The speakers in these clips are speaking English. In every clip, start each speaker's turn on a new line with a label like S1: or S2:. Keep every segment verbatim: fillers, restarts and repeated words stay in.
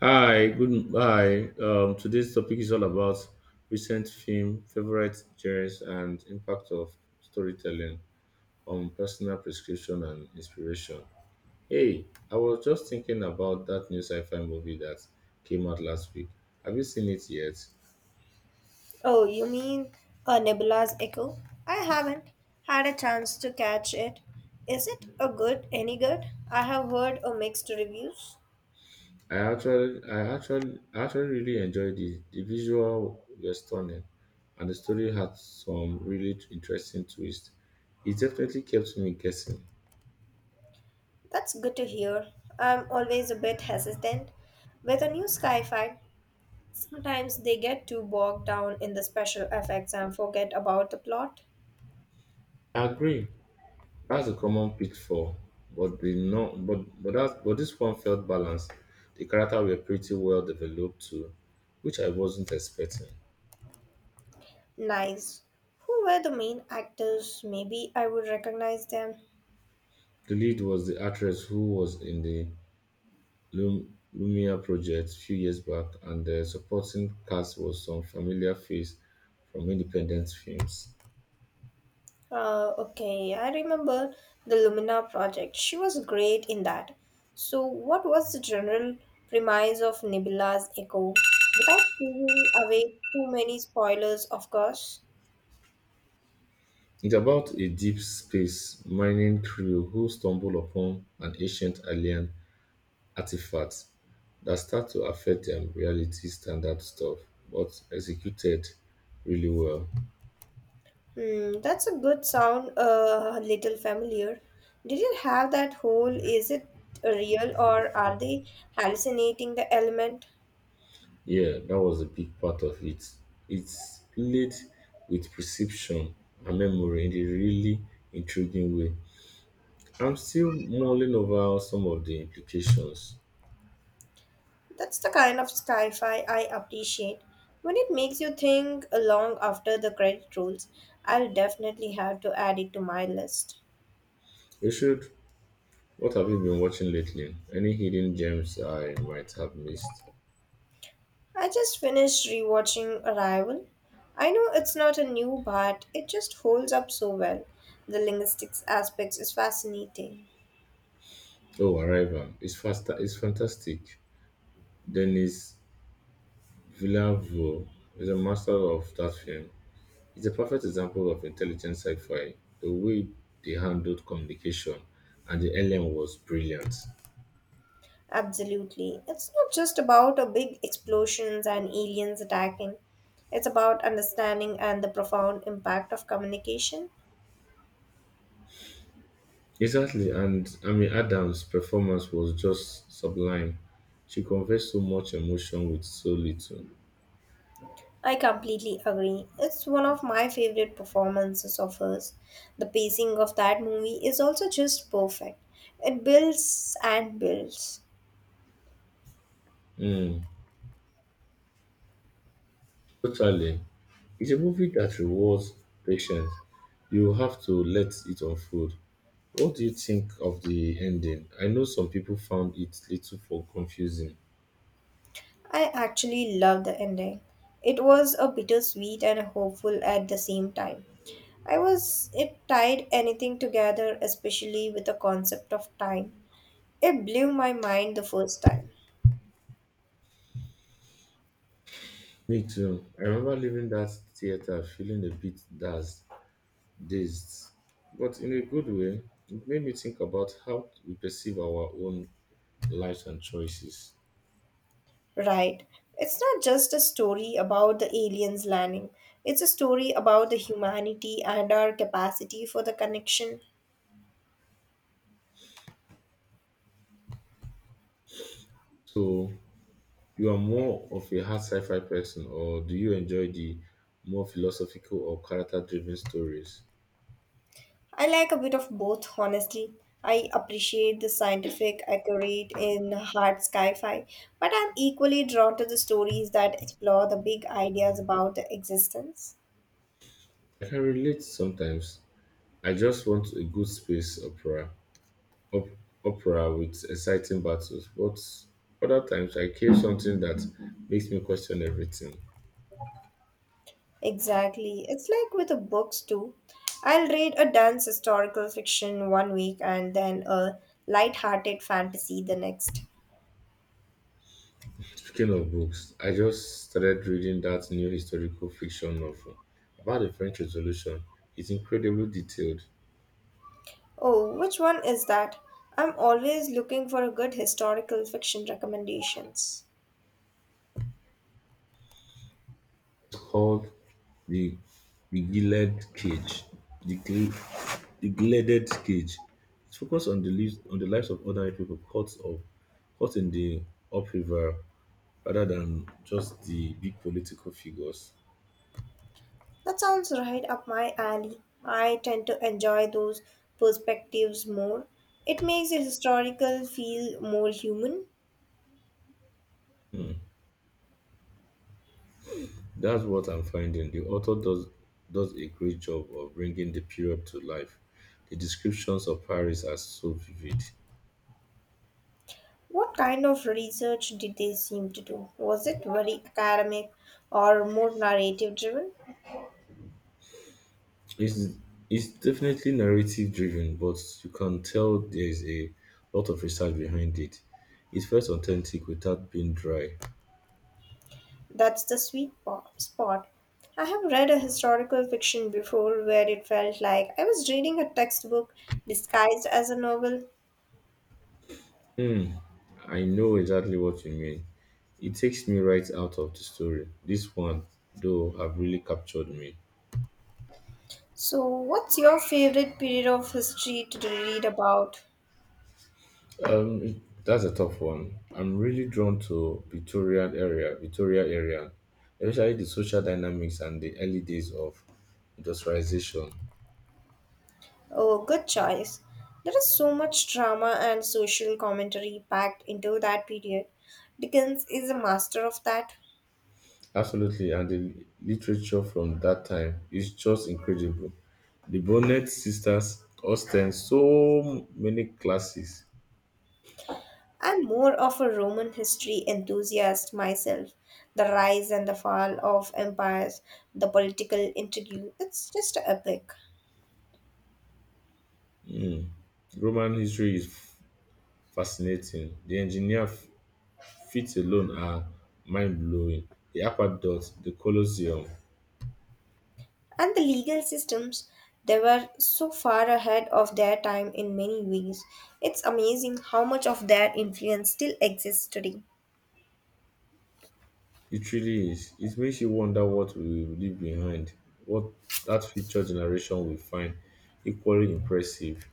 S1: Hi, good. Hi. Um, today's topic is all about recent film, favorite genres, and impact of storytelling on personal prescription and inspiration. Hey, I was just thinking about that new sci-fi movie that came out last week. Have you seen it yet?
S2: Oh, you mean a Nebula's Echo? I haven't had a chance to catch it. Is it a good any good? I have heard a mixed reviews.
S1: I actually, I actually, I actually really enjoyed it. The visual were stunning, and the story had some really interesting twists. It definitely kept me guessing.
S2: That's good to hear. I'm always a bit hesitant with a new sci-fi. Sometimes they get too bogged down in the special effects and forget about the plot.
S1: I agree. That's a common pitfall, but the no, but but that but this one felt balanced. The character were pretty well developed too, which I wasn't expecting.
S2: Nice. Who were the main actors? Maybe I would recognize them.
S1: The lead was the actress who was in the Lum- Lumia project a few years back, and the supporting cast was some familiar face from independent films.
S2: Uh, okay, I remember the Lumina project. She was great in that. So, what was the general premise of Nebula's Echo? Without giving away too many spoilers, of course.
S1: It's about a deep space mining crew who stumble upon an ancient alien artifacts that start to affect um, reality standard stuff, but executed really well.
S2: Hmm, that's a good sound, uh, a little familiar. Did it have that whole is it real or are they hallucinating the element?
S1: Yeah, that was a big part of it. It's played with perception and memory in a really intriguing way. I'm still mulling over some of the implications.
S2: That's the kind of sci fi I appreciate. When it makes you think long after the credit rolls, I'll definitely have to add it to my list.
S1: You should. What have you been watching lately? Any hidden gems I might have missed?
S2: I just finished rewatching Arrival. I know it's not a new, but it just holds up so well. The linguistics aspects is fascinating.
S1: Oh, Arrival. It's faster. It's fantastic. Dennis Villeneuve is a master of that film. It's a perfect example of intelligent sci-fi. The way they handled communication and the alien was brilliant.
S2: Absolutely. It's not just about a big explosions and aliens attacking. It's about understanding and the profound impact of communication.
S1: Exactly, and Amy Adams' performance was just sublime. She conveyed so much emotion with so little.
S2: I completely agree. It's one of my favorite performances of hers. The pacing of that movie is also just perfect. It builds and builds.
S1: Mm, totally. It's a movie that rewards patience. You have to let it unfold. What do you think of the ending? I know some people found it little for confusing.
S2: I actually love the ending. It was a bittersweet and hopeful at the same time. I was it tied anything together, especially with the concept of time. It blew my mind the first time.
S1: Me too. I remember leaving that theater feeling a bit daz- dazed, but in a good way. It made me think about how we perceive our own lives and choices.
S2: Right. It's not just a story about the aliens landing. It's a story about the humanity and our capacity for the connection.
S1: So, you are more of a hard sci fi person, or do you enjoy the more philosophical or character driven stories?
S2: I like a bit of both, honestly. I appreciate the scientific, accurate, and hard sci-fi, but I'm equally drawn to the stories that explore the big ideas about the existence.
S1: I can relate sometimes. I just want a good space opera, op- opera with exciting battles, but other times I crave something that makes me question everything.
S2: Exactly. It's like with the books too. I'll read a dense historical fiction one week and then a light-hearted fantasy the next.
S1: Speaking of books, I just started reading that new historical fiction novel about the French Revolution. It's incredibly detailed.
S2: Oh, which one is that? I'm always looking for a good historical fiction recommendations.
S1: It's called The, the Gilded Cage. The, Gil- the Gilded Cage. It focuses on the, lives, on the lives of ordinary people caught, up, caught in the upheaval rather than just the big political figures.
S2: That sounds right up my alley. I tend to enjoy those perspectives more. It makes the historical feel more human.
S1: That's what I'm finding. The author does does a great job of bringing the period to life. The descriptions of Paris are so vivid.
S2: What kind of research did they seem to do? Was it very academic or more narrative driven?
S1: It's it's definitely narrative driven, but you can tell there is a lot of research behind it. It felt authentic without being dry.
S2: That's the sweet po- spot. I have read a historical fiction before where it felt like I was reading a textbook disguised as a novel.
S1: Hmm, I know exactly what you mean. It takes me right out of the story. This one, though, have really captured me.
S2: So, what's your favorite period of history to read about?
S1: Um, it- that's a tough one. I'm really drawn to Victorian area, Victoria area, especially the social dynamics and the early days of industrialization.
S2: Oh, good choice. There is so much drama and social commentary packed into that period. Dickens is a master of that.
S1: Absolutely, and the literature from that time is just incredible. The Bonnet sisters, Austen, so many classes.
S2: I'm more of a Roman history enthusiast myself. The rise and the fall of empires, the political intrigue, it's just epic.
S1: Roman history is f- fascinating. The engineer f- feats alone are mind blowing. The aqueduct, the Colosseum.
S2: And the legal systems, they were so far ahead of their time in many ways. It's amazing how much of their influence still exists today.
S1: It really is. It makes you wonder what we will leave behind, what that future generation will find equally impressive.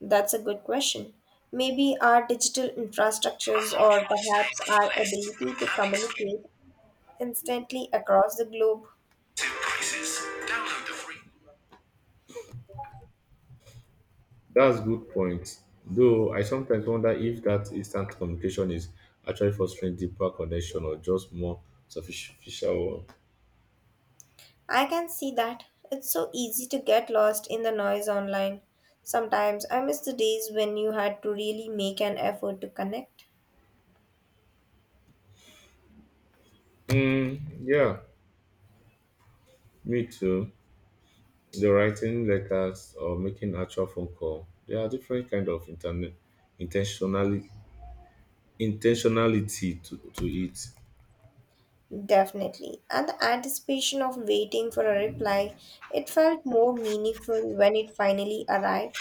S2: That's a good question. Maybe our digital infrastructures or perhaps our ability to communicate instantly across the globe.
S1: That's a good point. Though I sometimes wonder if that instant communication is actually fostering deeper connection or just more superficial one.
S2: I can see that. It's so easy to get lost in the noise online. Sometimes I miss the days when you had to really make an effort to connect.
S1: Mm, yeah, me too. The writing letters or making actual phone call. There are different kind of internet intentionality intentionality to, to it.
S2: Definitely. And the anticipation of waiting for a reply, it felt more meaningful when it finally arrived.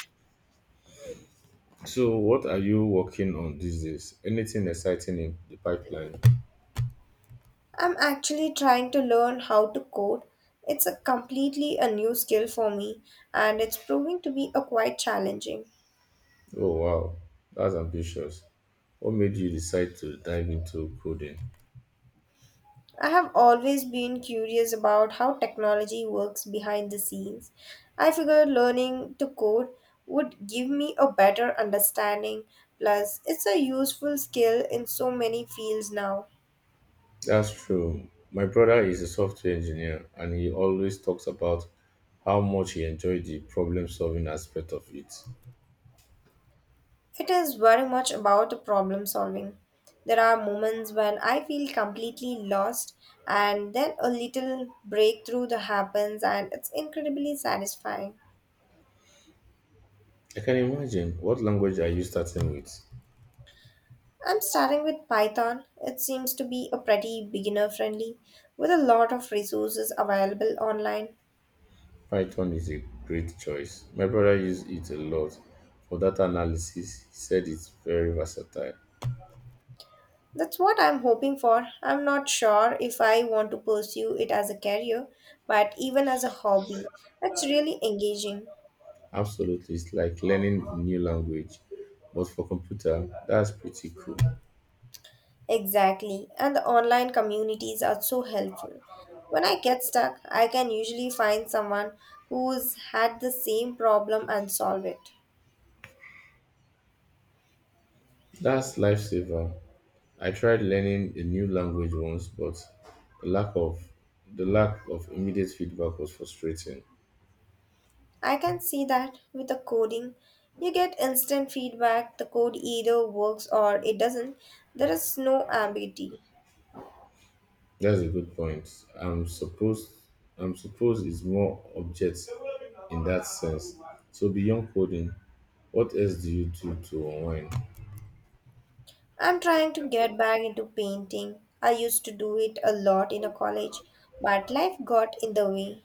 S1: So, what are you working on these days? Anything exciting in the pipeline?
S2: I'm actually trying to learn how to code. It's a completely a new skill for me and it's proving to be a quite challenging.
S1: Oh, wow, that's ambitious. What made you decide to dive into coding?
S2: I have always been curious about how technology works behind the scenes. I figured learning to code would give me a better understanding, plus, it's a useful skill in so many fields now.
S1: That's true. My brother is a software engineer and he always talks about how much he enjoyed the problem solving aspect of it.
S2: It is very much about the problem solving. There are moments when I feel completely lost, and then a little breakthrough that happens, and it's incredibly satisfying.
S1: I can imagine. What language are you starting with?
S2: I'm starting with Python. It seems to be a pretty beginner friendly with a lot of resources available online.
S1: Python is a great choice. My brother used it a lot for data analysis. He said it's very versatile.
S2: That's what I'm hoping for. I'm not sure if I want to pursue it as a career, but even as a hobby, that's really engaging.
S1: Absolutely, it's like learning a new language, but for computer. That's pretty cool.
S2: Exactly, and the online communities are so helpful. When I get stuck, I can usually find someone who's had the same problem and solve it.
S1: That's lifesaver. I tried learning a new language once, but the lack of the lack of immediate feedback was frustrating.
S2: I can see that with the coding, you get instant feedback. The code either works or it doesn't. There is no ambiguity.
S1: That's a good point. I'm supposed I'm supposed it's more objects in that sense. So beyond coding, what else do you do to unwind?
S2: I'm trying to get back into painting. I used to do it a lot in a college, but life got in the way.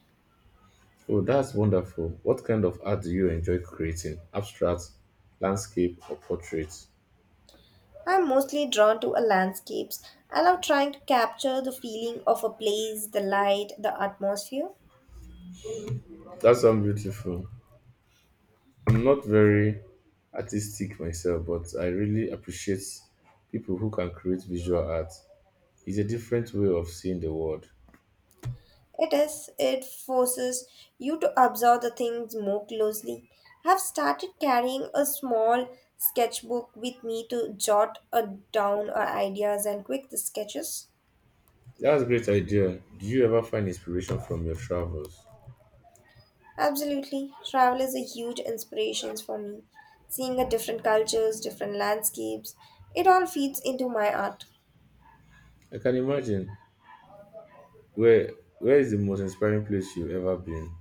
S1: Oh, that's wonderful. What kind of art do you enjoy creating? Abstract, landscape, or portraits?
S2: I'm mostly drawn to a landscapes. I love trying to capture the feeling of a place, the light, the atmosphere.
S1: That sounds beautiful. I'm not very artistic myself, but I really appreciate people who can create visual art. It's a different way of seeing the world.
S2: It is, it forces you to observe the things more closely. I've started carrying a small sketchbook with me to jot uh, down uh, ideas and quick sketches.
S1: That's a great idea. Do you ever find inspiration from your travels?
S2: Absolutely, travel is a huge inspiration for me. Seeing a different cultures, different landscapes, it all feeds into my art.
S1: I can imagine. Where where is the most inspiring place you've ever been?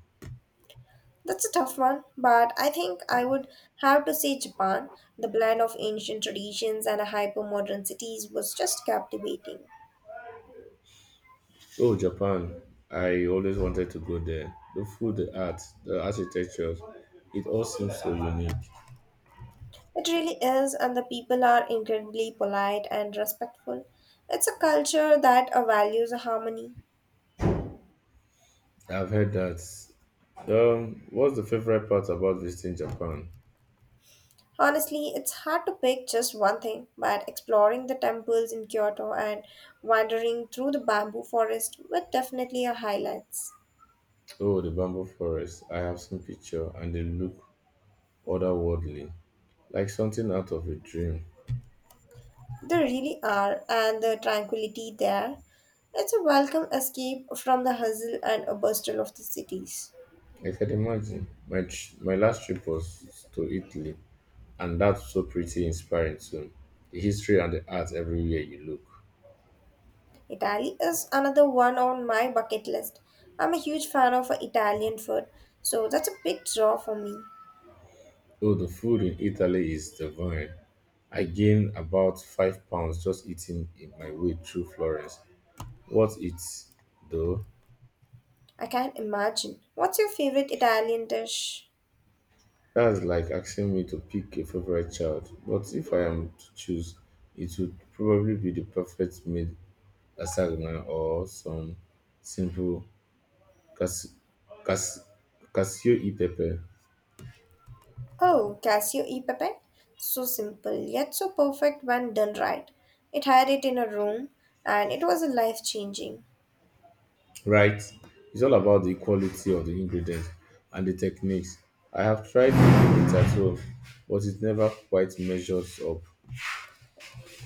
S2: That's a tough one, but I think I would have to say Japan. The blend of ancient traditions and hyper modern cities was just captivating.
S1: Oh, Japan. I always wanted to go there. The food, the art, the architecture, it all seems so unique.
S2: It really is, and the people are incredibly polite and respectful. It's a culture that uh, values harmony.
S1: I've heard that. Um, what's the favorite part about visiting Japan?
S2: Honestly, it's hard to pick just one thing, but exploring the temples in Kyoto and wandering through the bamboo forest were definitely a highlights.
S1: Oh, the bamboo forest. I have seen picture and they look otherworldly, like something out of a dream.
S2: They really are, and the tranquility there. It's a welcome escape from the hustle and bustle of the cities.
S1: I can imagine. My tr- my last trip was to Italy, and that's so pretty inspiring too. The history and the art everywhere you look.
S2: Italy is another one on my bucket list. I'm a huge fan of uh, Italian food, so that's a big draw for me.
S1: Oh, the food in Italy is divine. I gained about five pounds just eating in my way through Florence. What it though?
S2: I can't imagine. What's your favorite Italian dish?
S1: That's like asking me to pick a favorite child, but if I am to choose, it would probably be the perfect made lasagna or some simple cas- cas- cashew e pepper.
S2: Oh, Casio e pepe. So simple, yet so perfect when done right. It had it in a room, and it was life changing.
S1: Right? It's all about the quality of the ingredients and the techniques. I have tried making it at home, but it never quite measures up.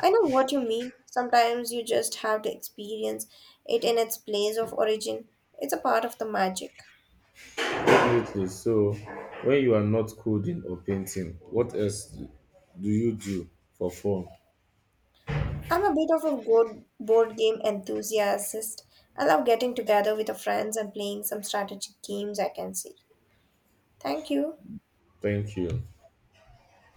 S2: I know what you mean. Sometimes you just have to experience it in its place of origin. It's a part of the magic.
S1: Absolutely. So, when you are not coding or painting, what else do you do for fun?
S2: I'm a bit of a board, board game enthusiast. I love getting together with the friends and playing some strategic games, I can say. Thank you.
S1: Thank you.